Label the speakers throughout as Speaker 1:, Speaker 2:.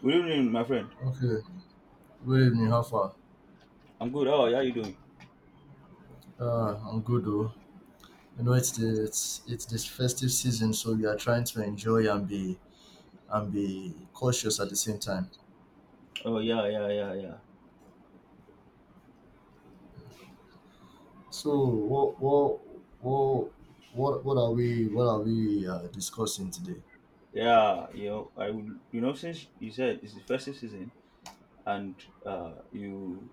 Speaker 1: Good evening, my friend.
Speaker 2: Okay, good evening. How far?
Speaker 1: I'm good. Oh, yeah, you doing?
Speaker 2: I'm good though. It's this festive season, so we are trying to enjoy and be cautious at the same time.
Speaker 1: Oh yeah, yeah, yeah, yeah,
Speaker 2: So, what what are we discussing today?
Speaker 1: yeah. You know, I would. You know, since you said it's the festive season, and you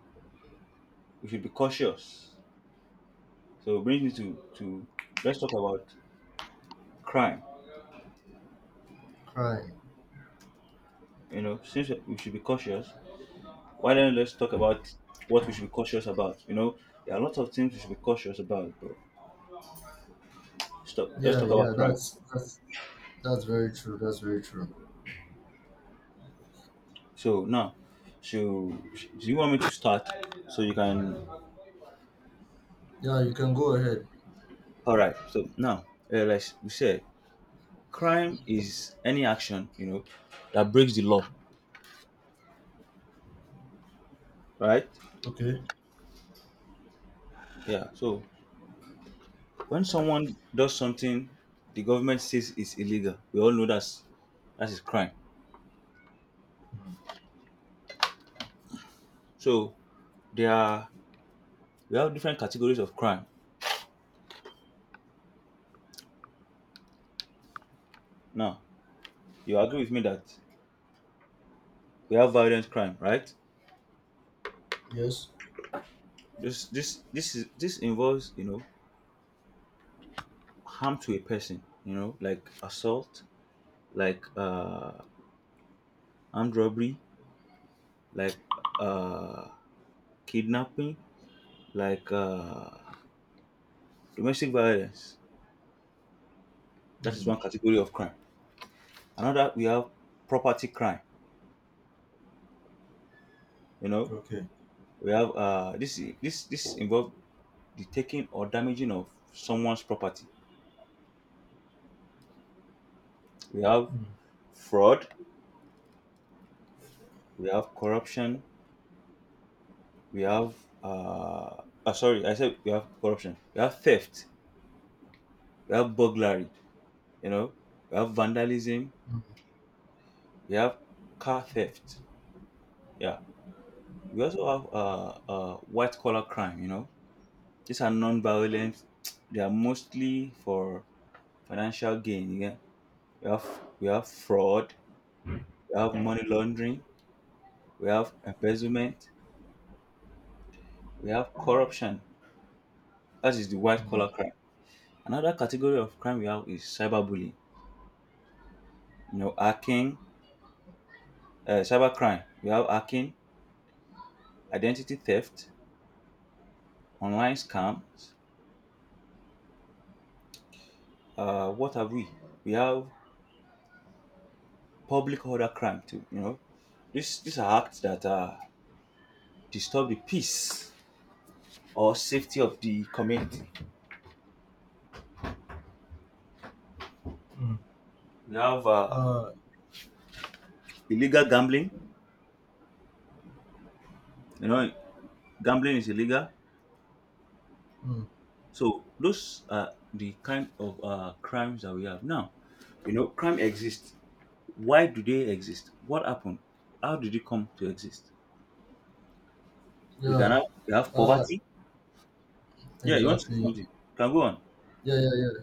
Speaker 1: we should be cautious. So it brings me to let's talk about crime.
Speaker 2: Crime.
Speaker 1: You know, since we should be cautious, why don't let's talk about what we should be cautious about? You know, there are lots of things we should be cautious about, bro. Stop. Let's
Speaker 2: Yeah,
Speaker 1: talk about
Speaker 2: yeah.
Speaker 1: crime.
Speaker 2: That's very true. That's very true.
Speaker 1: So now, so do you want me to start so you can
Speaker 2: Yeah, you can go ahead.
Speaker 1: All right. So now, like we said, crime is any action that breaks the law, right?
Speaker 2: Okay.
Speaker 1: Yeah. So when someone does something the government says is illegal, we all know that is crime.
Speaker 2: Mm.
Speaker 1: So there are we have different categories of crime. Now you agree with me that we have violent crime, right?
Speaker 2: Yes.
Speaker 1: This involves harm to a person, you know, like assault, like armed robbery, like uh kidnapping, like domestic violence. That is
Speaker 2: Mm.
Speaker 1: one category of crime. Another we have property crime. You know,
Speaker 2: Okay.
Speaker 1: we have this involve the taking or damaging of someone's property. We have
Speaker 2: Mm.
Speaker 1: fraud. We have corruption. We have uh, sorry, I said we have corruption. We have theft. We have burglary. You know, we have vandalism.
Speaker 2: Mm.
Speaker 1: We have car theft. Yeah, we also have white collar crime. You know, these are non-violent. They are mostly for financial gain. Yeah, we have fraud, we have money laundering, we have embezzlement, we have corruption. That is the white
Speaker 2: Mm.
Speaker 1: collar crime. Another category of crime we have is cyberbullying. You know, hacking, cybercrime. We have hacking, identity theft, online scams. What have we? We have public order crime too. You know, these are acts that disturb the peace or safety of the community.
Speaker 2: Mm.
Speaker 1: We have
Speaker 2: Uh.
Speaker 1: illegal gambling. You know, gambling is illegal.
Speaker 2: Mm.
Speaker 1: So those are the kind of crimes that we have now. You know, crime exists. Why do they exist? What happened? How did it come to exist? We can
Speaker 2: Yeah.
Speaker 1: have we have
Speaker 2: Uh.
Speaker 1: poverty. Yeah, you want to say
Speaker 2: Exactly.
Speaker 1: something? You can go on.
Speaker 2: Yeah, yeah, yeah.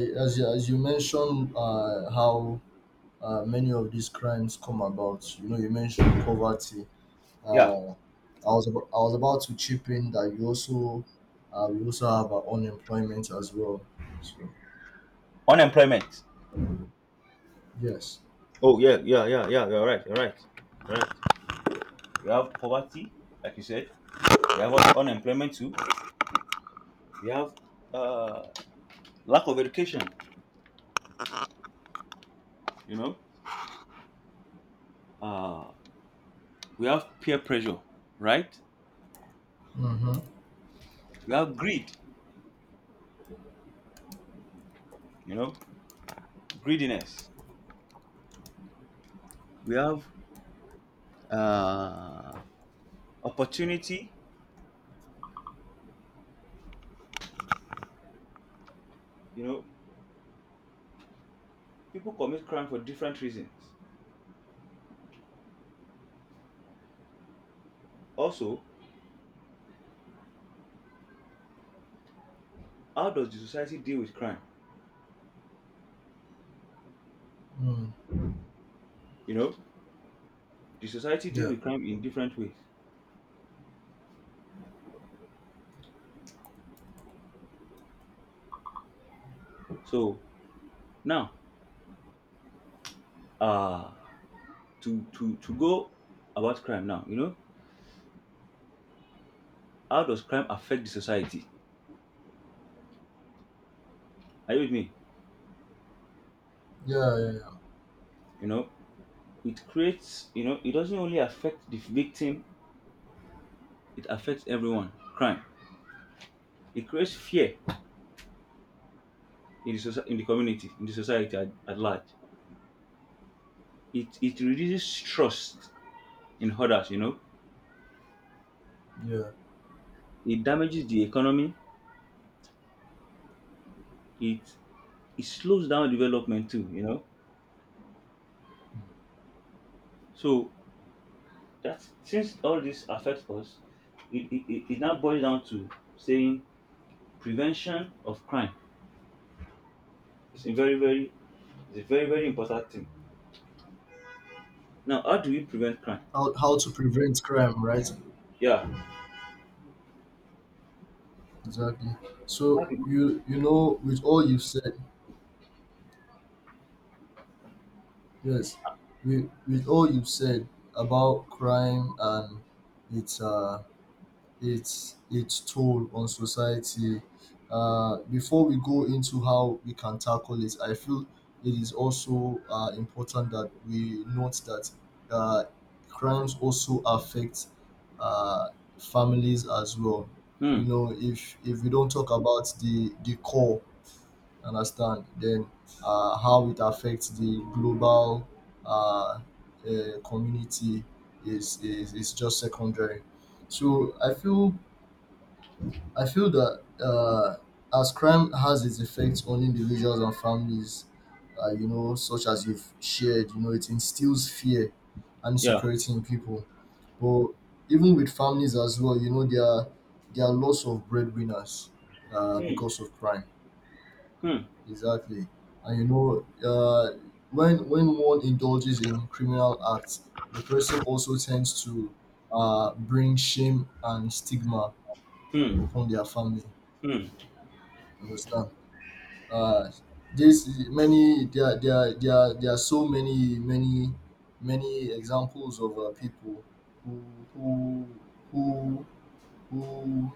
Speaker 2: Yeah, as you mentioned, how many of these crimes come about. You mentioned poverty.
Speaker 1: Yeah,
Speaker 2: Uh, I was about to chip in that you also we also have unemployment as well. So
Speaker 1: unemployment.
Speaker 2: yes.
Speaker 1: Oh yeah, yeah, yeah, yeah. You're right. You're right. You're right. We have poverty, like you said. We have unemployment too. We have uh, lack of education. You know, uh we have peer pressure, right?
Speaker 2: Mm-hmm.
Speaker 1: We have greed, you know, greediness. We have uh opportunity. You know, people commit crime for different reasons. Also, how does the society deal with crime?
Speaker 2: Mm.
Speaker 1: You know, the society
Speaker 2: Yeah.
Speaker 1: deals with crime in different ways. So now, uh to go about crime now, you know, how does crime affect the society? Are you with me?
Speaker 2: Yeah. Yeah.
Speaker 1: You know, it creates, you know, it doesn't only affect the victim. It affects everyone. Crime. It creates fear in the, in the community, in the society at large. It reduces trust in others, you know.
Speaker 2: Yeah.
Speaker 1: It damages the economy. It, it slows down development too, you know.
Speaker 2: Yeah.
Speaker 1: So that since all this affects us, it now boils down to saying prevention of crime is a very, very it's a very, very important thing. Now, how do we prevent crime?
Speaker 2: How to prevent crime, right?
Speaker 1: Yeah.
Speaker 2: Exactly. So
Speaker 1: How do- we-
Speaker 2: you you know, with all you've said, yes, with all you've said about crime and its its toll on society, before we go into how we can tackle it, I feel it is also important that we note that uh, crimes also affect uh, families as well.
Speaker 1: Hmm.
Speaker 2: If we don't talk about the core understand, then how it affects the global uh, community is just secondary. So I feel that as crime has its effects on individuals and families, such as you've shared, it instills fear and
Speaker 1: Yeah.
Speaker 2: insecurity in people, but even with families as well, there are lots of breadwinners
Speaker 1: Hmm.
Speaker 2: because of crime.
Speaker 1: Hmm.
Speaker 2: Exactly. And when one indulges in criminal acts, the person also tends to bring shame and stigma
Speaker 1: Hmm.
Speaker 2: upon their family.
Speaker 1: Hmm.
Speaker 2: Understand? Uh, this many there there there there are so many many many examples of people who who who who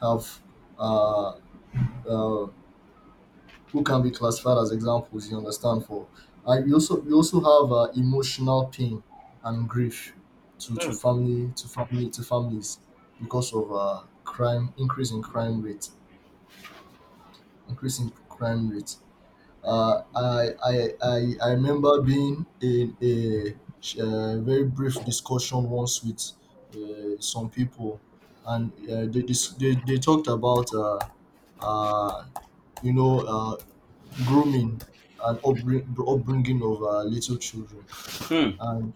Speaker 2: have uh, uh, who can be classified as examples, you understand, for and you also have emotional pain and grief to to
Speaker 1: Hmm.
Speaker 2: family to family to families because of crime, increase in crime rate. I remember being in a very brief discussion once with some people, and they, dis- they talked about uh, you know uh, grooming and upbringing of little children.
Speaker 1: Hmm.
Speaker 2: And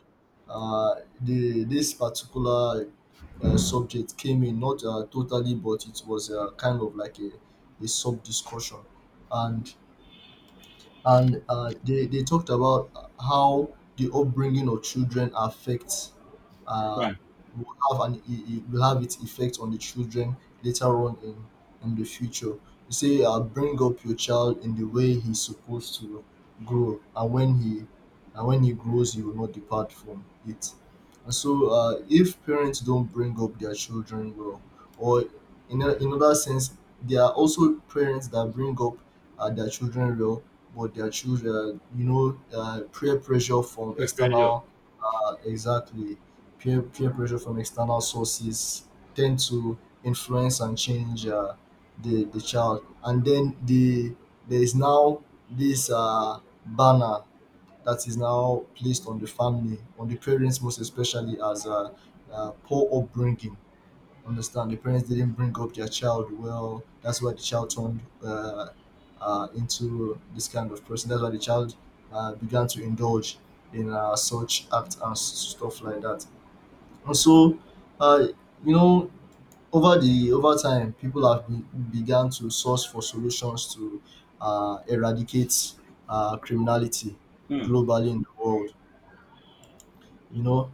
Speaker 2: uh, the, this particular subject came in, not totally, but it was kind of like a sub discussion. And and they talked about how the upbringing of children affects, uh,
Speaker 1: Yeah.
Speaker 2: will have an it I- will have its effect on the children later on in the future. You say, bring up your child in the way he's supposed to grow, and when he grows, he will not depart from it. And so, if parents don't bring up their children well, or in another sense, there are also parents that bring up their children well, but their children, peer pressure from
Speaker 1: That's very
Speaker 2: external, exactly, peer pressure from external sources tend to influence and change the child. And then there is now this banner that is now placed on the family, on the parents most especially, as poor upbringing. Understand, the parents didn't bring up their child well. That's why the child turned into this kind of person. That's why the child began to indulge in such acts and stuff like that. And so, uh, you know, over the over time, people began to source for solutions to eradicate criminality
Speaker 1: Hmm.
Speaker 2: globally in the world. You know,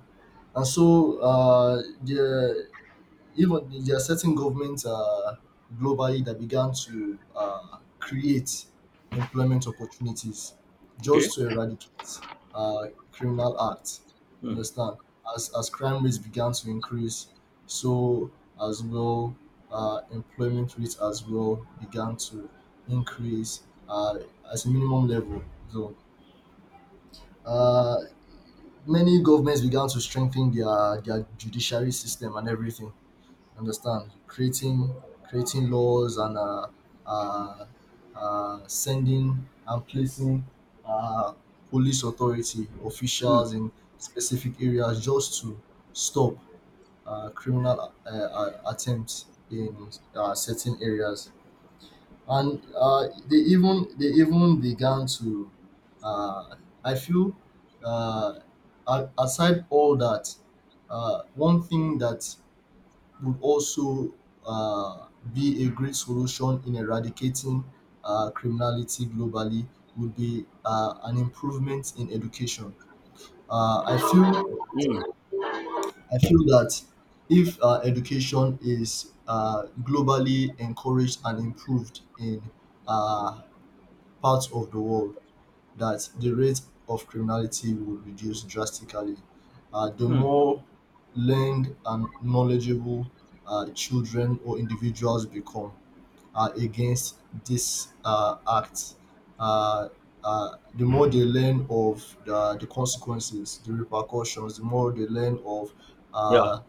Speaker 2: and so the even there are certain governments globally that began to create employment opportunities
Speaker 1: Okay.
Speaker 2: just to eradicate criminal acts.
Speaker 1: Hmm.
Speaker 2: Understand? As crime rates began to increase, so as well employment rates as well began to increase uh, as a minimum level. So uh, many governments began to strengthen their judiciary system and everything, understand, creating laws and uh, sending and placing uh, police authority
Speaker 1: Hmm.
Speaker 2: officials in specific areas just to stop criminal attempts in certain areas, and they even began to, uh, I feel, uh, aside all that, one thing that would also be a great solution in eradicating criminality globally would be an improvement in education. Uh, I feel
Speaker 1: Hmm.
Speaker 2: I feel that if education is globally encouraged and improved in uh, parts of the world, that the rate of criminality will reduce drastically. The
Speaker 1: Hmm.
Speaker 2: more learned and knowledgeable children or individuals become against this act, uh, uh, the more they learn of the consequences, the repercussions, the more they learn of
Speaker 1: Yeah.
Speaker 2: uh,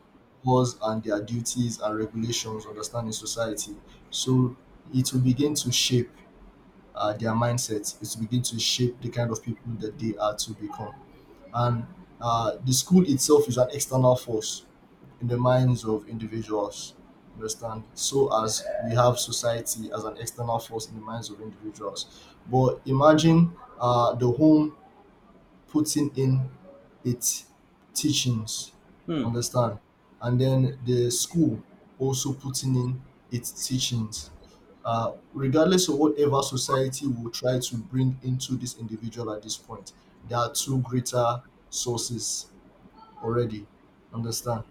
Speaker 2: laws and their duties and regulations, understanding society. So it will begin to shape their mindset, is begin to shape the kind of people that they are to become. And the school itself is an external force in the minds of individuals. Understand? So as we have society as an external force in the minds of individuals, but imagine the home putting in its teachings.
Speaker 1: Hmm.
Speaker 2: Understand? And then the school also putting in its teachings, regardless of whatever society will try to bring into this individual at this point, there are two greater sources already. Understand?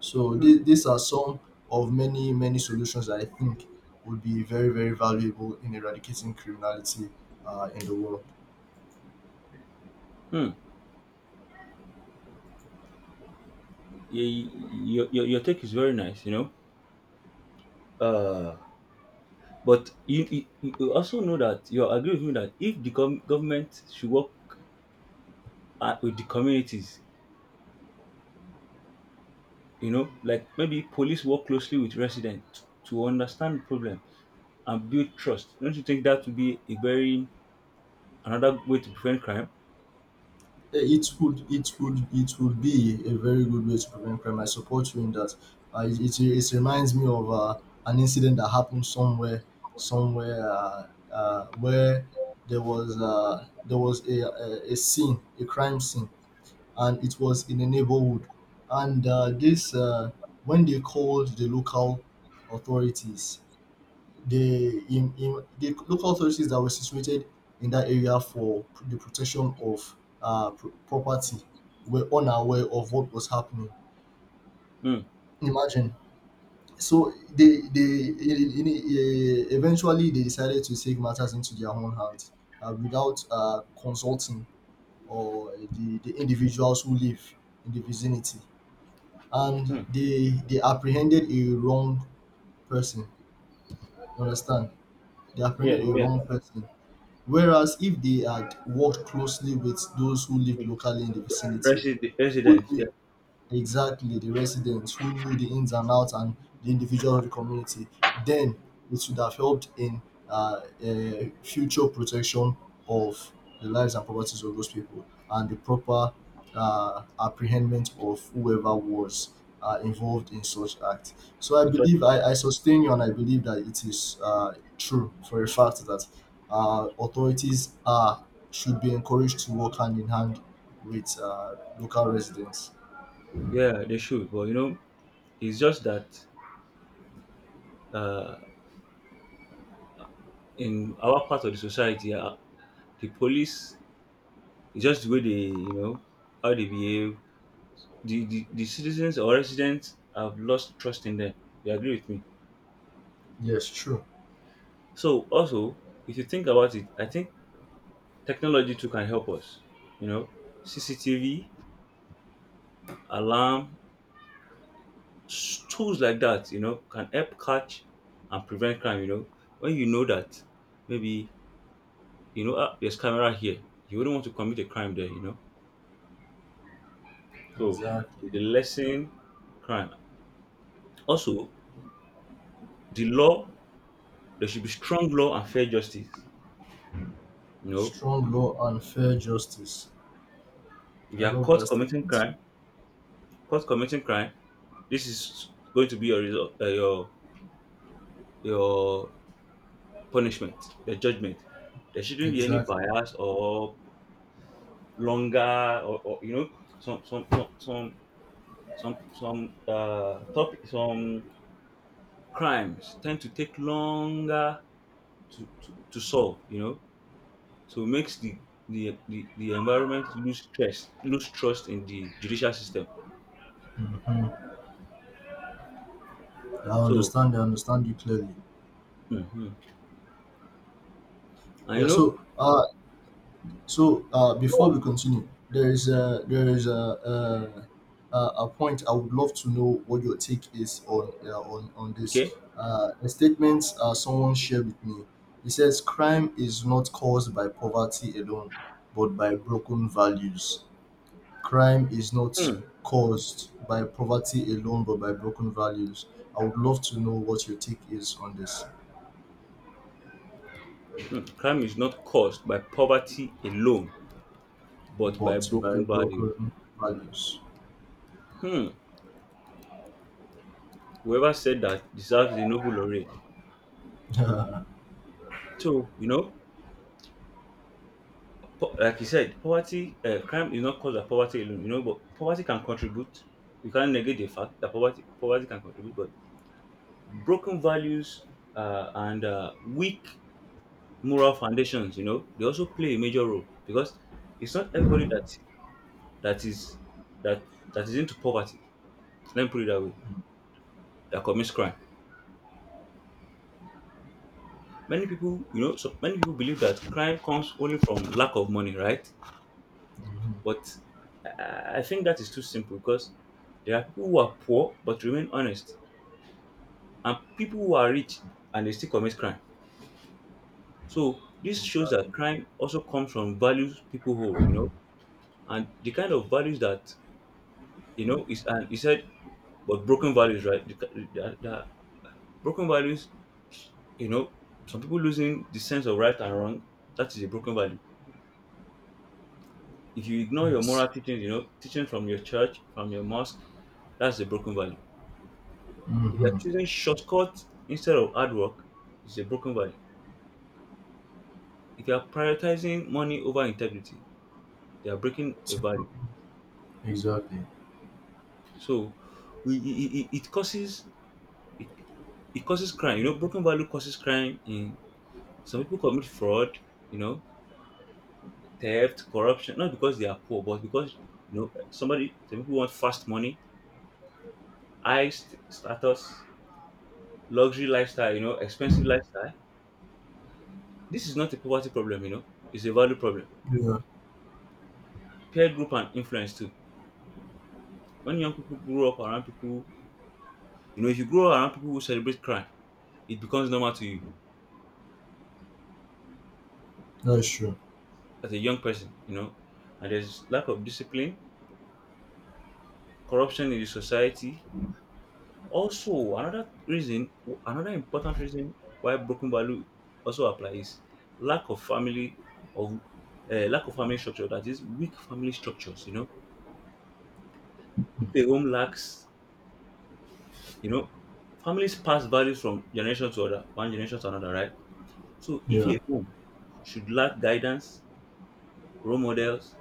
Speaker 2: So
Speaker 1: Hmm.
Speaker 2: these are some of many, many solutions that I think would be very, very valuable in eradicating criminality in the world.
Speaker 1: Hmm. Your take is very nice, you know. Uh, but you, you also know that you agree with me that if the government should work with the communities, you know, like maybe police work closely with residents to understand the problem and build trust. Don't you think that would be a very another way to prevent crime?
Speaker 2: It would be a very good way to prevent crime. I support you in that. It reminds me of an incident that happened somewhere, where there was a scene a crime scene, and it was in a neighborhood, and this when they called the local authorities, the in the local authorities that were situated in that area for the protection of property were unaware of what was happening.
Speaker 1: Hmm.
Speaker 2: Imagine. So they in- eventually they decided to take matters into their own hands without consulting or the individuals who live in the vicinity, and
Speaker 1: Hmm.
Speaker 2: they apprehended a wrong person. You understand? They
Speaker 1: Yeah.
Speaker 2: apprehended a
Speaker 1: Yeah.
Speaker 2: wrong person. Whereas if they had worked closely with those who lived locally in the vicinity,
Speaker 1: President,
Speaker 2: would.
Speaker 1: president, yeah,
Speaker 2: Exactly, the residents who knew the ins and outs and the individual of the community. Then it would have helped in future protection of the lives and properties of those people and the proper apprehendment of whoever was involved in such act. So I
Speaker 1: in fact,
Speaker 2: believe I,
Speaker 1: so-
Speaker 2: I sustain you, and I believe that it is true for a fact that authorities are should be encouraged to work hand in hand with local residents.
Speaker 1: yeah, they should. But you know, it's just that uh, in our part of the society, the police it's just the way they, you know, how they behave. The, the citizens or residents have lost trust in them. You agree with me?
Speaker 2: Yes, true.
Speaker 1: So also, if you think about it, I think technology too can help us. You know, CCTV, alarm, s- tools like that, you know, can help catch and prevent crime. You know, when you know that maybe you know ah, there's camera here, you wouldn't want to commit a crime there. You know, so
Speaker 2: Exactly.
Speaker 1: it's lessen crime. Also, the law there should be strong law and fair justice. You know,
Speaker 2: Strong law and fair justice.
Speaker 1: if
Speaker 2: I
Speaker 1: you are
Speaker 2: love that statement.
Speaker 1: caught committing crime, this is going to be your result, your punishment, your judgment. There shouldn't be any
Speaker 2: Exactly.
Speaker 1: bias or longer or, you know, some some some some some crimes tend to take longer to, to solve, you know, so it makes the, the environment lose trust, lose trust in the judicial system.
Speaker 2: Mhm. I
Speaker 1: So
Speaker 2: understand. I understand you clearly.
Speaker 1: mhm. And
Speaker 2: Yeah.
Speaker 1: you know
Speaker 2: So,
Speaker 1: go
Speaker 2: before
Speaker 1: on
Speaker 2: we continue, there is a a point I would love to know what your take is on, on this.
Speaker 1: okay.
Speaker 2: A statement someone shared with me. He says crime is not caused by poverty alone, but by broken values. Crime is not
Speaker 1: Mm,
Speaker 2: caused by poverty alone but by broken values. I would love to know what your take is on this,
Speaker 1: mm. Crime is not caused by poverty alone but by
Speaker 2: but by
Speaker 1: broken values.
Speaker 2: broken values.
Speaker 1: Hmm. Whoever said that deserves a Nobel laureate. So you know, like you said, poverty, crime is not caused by poverty alone, you know, but poverty can contribute. You can't negate the fact that poverty can contribute, but broken values and weak moral foundations, you know, they also play a major role because it's not everybody that is that that is into poverty. Let me put it that way. That commits crime. Many people, you know, so many people believe that crime comes only from lack of money, right? But I think that is too simple because there are people who are poor but remain honest, and people who are rich and they still commit crime. So this shows
Speaker 2: Exactly.
Speaker 1: that crime also comes from values people hold, you know, and the kind of values that you know is, and he said, but broken values, right? The, the broken values, you know, some people losing the sense of right and wrong. That is a broken value. If you ignore your
Speaker 2: Yes.
Speaker 1: moral teachings, you know, teaching from your church, from your mosque, that's a broken value. If you are
Speaker 2: Mm-hmm.
Speaker 1: choosing shortcut instead of hard work, it's a broken value. If you are prioritizing money over integrity, they are breaking a value.
Speaker 2: Exactly.
Speaker 1: So we, it causes it, it causes crime. You know, broken value causes crime. In some people commit fraud. You know, theft, corruption. Not because they are poor, but because you know somebody. Some people want fast money, high status, luxury lifestyle. You know, expensive lifestyle. This is not a poverty problem. You know, it's a value problem.
Speaker 2: Yeah,
Speaker 1: Peer group and influence too. When young people grow up around people, you know, if you grow around people who celebrate crime, it becomes normal to you
Speaker 2: that's true.
Speaker 1: as a young person, you know. And there's lack of discipline, corruption in the society. Also, another reason, another important reason why broken value also applies lack of family of lack of family structure. That is weak family structures. You know, if a home lacks, you know, families pass values from generation to other, one generation to another, right? So if
Speaker 2: Yeah.
Speaker 1: a home should lack guidance, role models,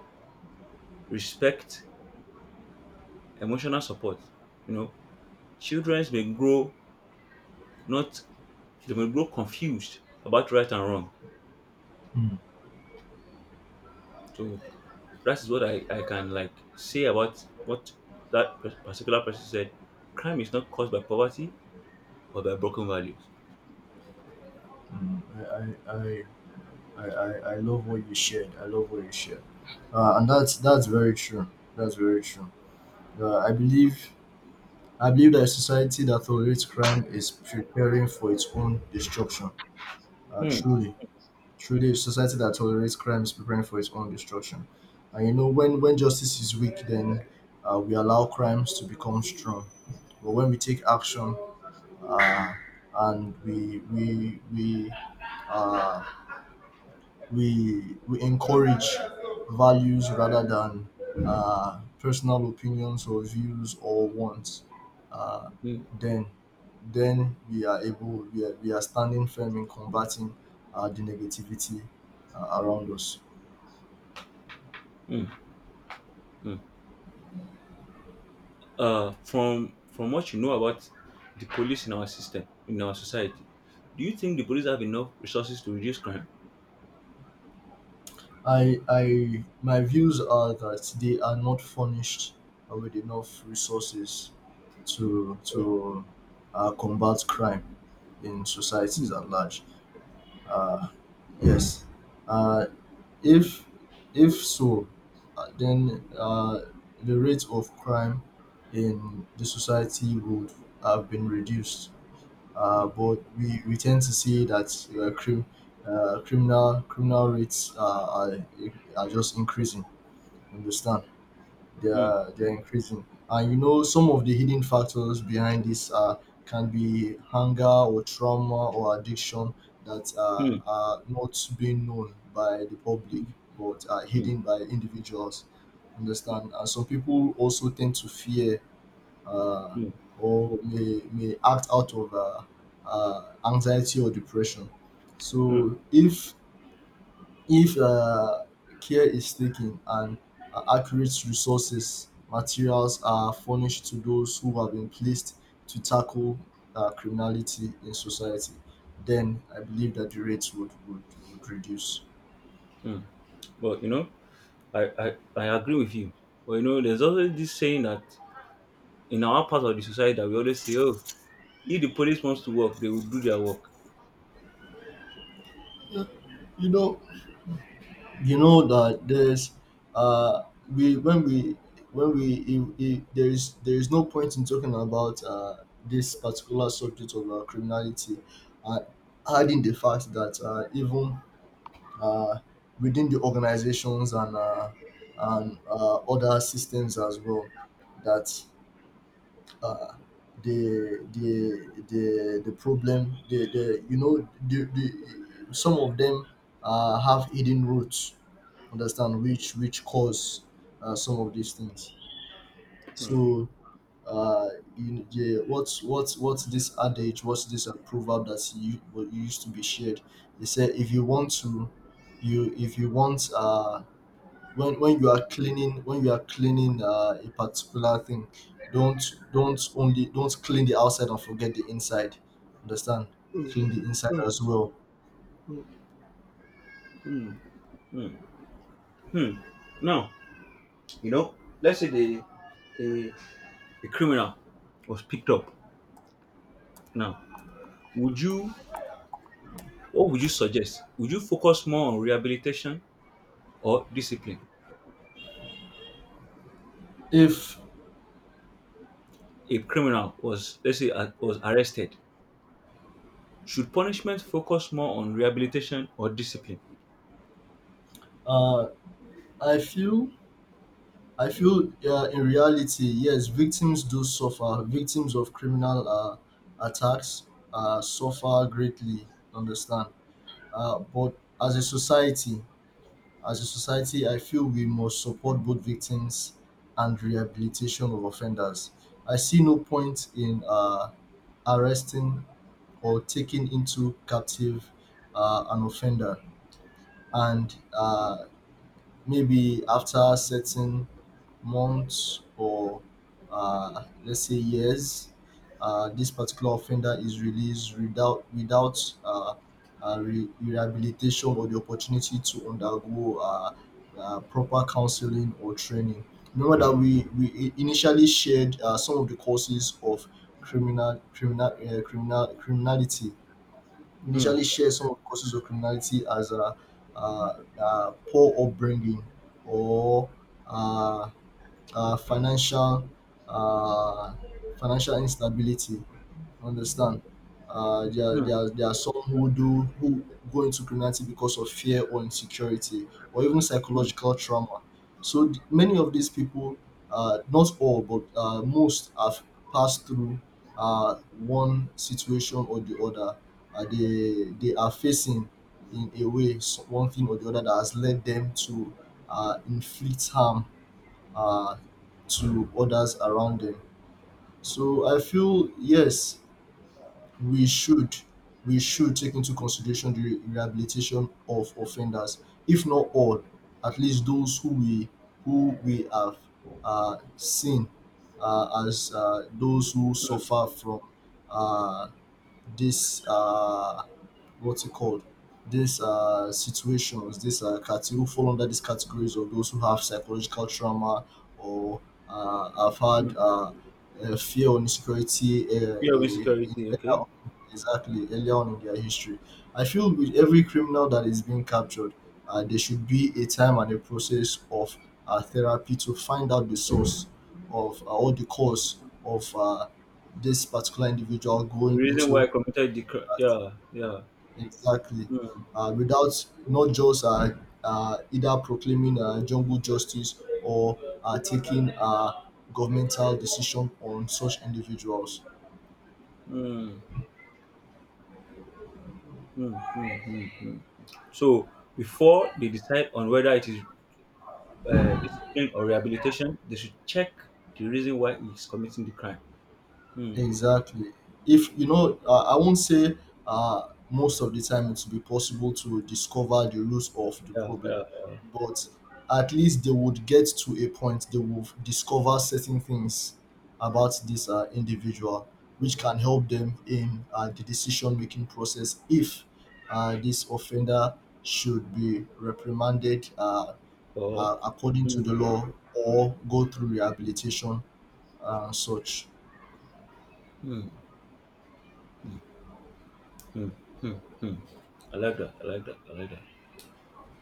Speaker 1: respect, emotional support. You know, children may grow not they may grow confused about right and wrong.
Speaker 2: Mm.
Speaker 1: So that is what I can like say about what that particular person said. Crime is not caused by poverty or by broken values.
Speaker 2: I, I, I, I love what you shared. I love what you shared. And that's very true. That's very true. Uh, I believe I believe that a society that tolerates crime is preparing for its own destruction.
Speaker 1: Hmm.
Speaker 2: Truly, truly, a society that tolerates crime is preparing for its own destruction. And when justice is weak, then we allow crimes to become strong. But when we take action, uh, and uh, we encourage values rather than personal opinions or views or wants, uh,
Speaker 1: Hmm.
Speaker 2: then then we are able we are standing firm in combating the negativity around us.
Speaker 1: Hmm. Hmm. From what you know about the police in our system in our society, do you think the police have enough resources to reduce crime?
Speaker 2: I i my views are that they are not furnished with enough resources to
Speaker 1: Hmm.
Speaker 2: combat crime in societies
Speaker 1: Hmm.
Speaker 2: at large. uh, yes. uh, if so, then the rate of crime in the society would have been reduced, but we tend to see that uh, crim, criminal rates are just increasing. Understand? They
Speaker 1: Hmm.
Speaker 2: are they are increasing, and some of the hidden factors behind this can be hunger or trauma or addiction that
Speaker 1: Hmm.
Speaker 2: are not being known by the public, but are
Speaker 1: Hmm.
Speaker 2: hidden by individuals. Understand? And some people also tend to fear uh,
Speaker 1: Hmm.
Speaker 2: or may act out of anxiety or depression.
Speaker 1: Mm,
Speaker 2: So if care is taken and accurate resources materials are furnished to those who have been placed to tackle criminality in society, then I believe that the rates would reduce.
Speaker 1: mm. But you know, I agree with you. But you know, there's always this saying that in our part of the society that we always say, oh, if the police wants to work, they will do their work.
Speaker 2: Yeah. You know, you know that there's uh we when we when we if there is no point in talking about this particular subject of criminality, uh, adding the fact that even uh within the organizations and other systems as well, that uh the problem, the you know the some of them have hidden roots, understand, which cause some of these things. So uh, yeah, what's this adage? What's this proverb that you what used to be shared? They said if you want to, you if you want when you are cleaning when you are cleaning a particular thing, don't don't clean the outside and forget the inside. Understand? Clean the inside as well.
Speaker 1: Hmm. Hmm. Hmm. Now, you know, let's say a, a criminal was picked up. Now, would you what would you suggest? Would you focus more on rehabilitation or discipline?
Speaker 2: If
Speaker 1: A criminal was let's say was arrested. Should punishment focus more on rehabilitation or discipline?
Speaker 2: uh, I feel, in reality, yes, victims do suffer. Victims of criminal attacks suffer greatly, understand? But as a society, I feel we must support both victims and rehabilitation of offenders. I see no point in arresting or taking into captive an offender and maybe after certain months or let's say years, this particular offender is released without rehabilitation or the opportunity to undergo proper counseling or training. Remember that we initially shared some of the causes of criminality. We
Speaker 1: Hmm.
Speaker 2: initially shared some of the causes of criminality as a poor upbringing or uh, financial, uh, financial instability. Understand?
Speaker 1: Hmm.
Speaker 2: There are some who do who go into criminality because of fear or insecurity or even
Speaker 1: Mm,
Speaker 2: psychological trauma. So many of these people, not all, but most have passed through one situation or the other. They are facing in a way one thing or the other that has led them to inflict harm uh, to others around them. So I feel yes, we should we should take into consideration the rehabilitation of offenders, if not all, at least those who we have seen as those who
Speaker 1: mm,
Speaker 2: suffer from uh, this what's it called, these situations this cate- who fall under these categories of those who have psychological trauma or uh have had
Speaker 1: mm.
Speaker 2: uh, uh fear or insecurity
Speaker 1: Fear of insecurity, okay?
Speaker 2: exactly earlier on in their history. I feel with every criminal that is being captured, there should be a time and a process of therapy to find out the source of or the cause of this particular individual
Speaker 1: The
Speaker 2: going
Speaker 1: reason why I
Speaker 2: into.
Speaker 1: committed the crime. Yeah, yeah.
Speaker 2: Exactly.
Speaker 1: Mm,
Speaker 2: Without not just either proclaiming jungle justice or taking governmental decision on such individuals.
Speaker 1: mm, mm, mm, mm, mm. So, before they decide on whether it is discipline or rehabilitation, they should check the reason why he's committing the crime. Mm,
Speaker 2: Exactly. If you know, I won't say most of the time it will be possible to discover the roots of the
Speaker 1: yeah,
Speaker 2: problem,
Speaker 1: yeah, yeah.
Speaker 2: but at least they would get to a point they will discover certain things about this individual, which can help them in the decision making process if this offender should be reprimanded
Speaker 1: Or,
Speaker 2: according to
Speaker 1: mm,
Speaker 2: the law or go through rehabilitation and such.
Speaker 1: mm, mm, mm, mm. I like that. I like that. I like that.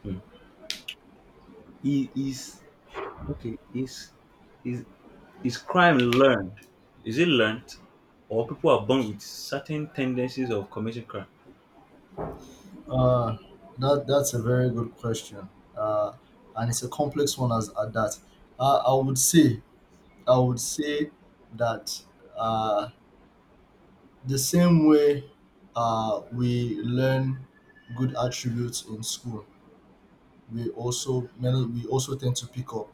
Speaker 1: Mm. He is Okay, is is crime learned? Is it learned, or people are born with certain tendencies of committing crime?
Speaker 2: Uh, that's a very good question, uh, and it's a complex one as at that. Uh, I would say I would say that uh, the same way we learn good attributes in school, we also tend to pick up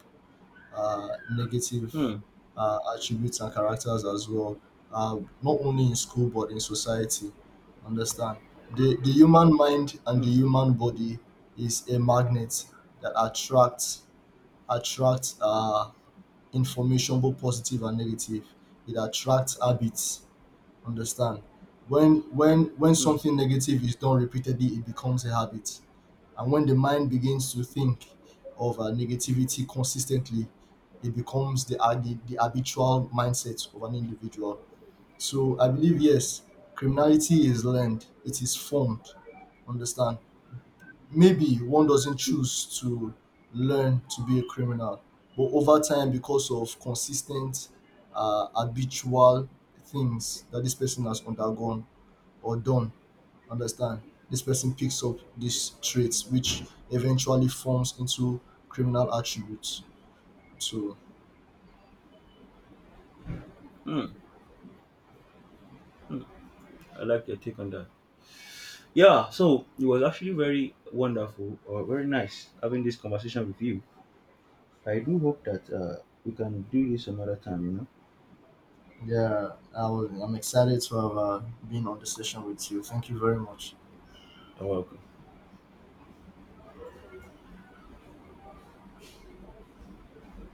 Speaker 2: negative
Speaker 1: Hmm.
Speaker 2: attributes and characters as well, not only in school but in society. Understand? The human mind and the
Speaker 1: Hmm.
Speaker 2: human body is a magnet that attracts information both positive and negative. It attracts habits, understand. When
Speaker 1: Hmm.
Speaker 2: something negative is done repeatedly it becomes a habit, and when the mind begins to think of negativity consistently it becomes the habitual mindset of an individual. So I believe yes, criminality is learned, it is formed, understand. Maybe one doesn't choose to learn to be a criminal, but over time, because of consistent, habitual things that this person has undergone or done, understand, this person picks up these traits, which eventually forms into criminal attributes. So,
Speaker 1: Hmm. Hmm. I like your take on that. Yeah. So it was actually very wonderful or very nice having this conversation with you. I do hope that we can do this another time. You know.
Speaker 2: yeah, I'm excited to have been on the session with you. Thank you very much.
Speaker 1: You're welcome.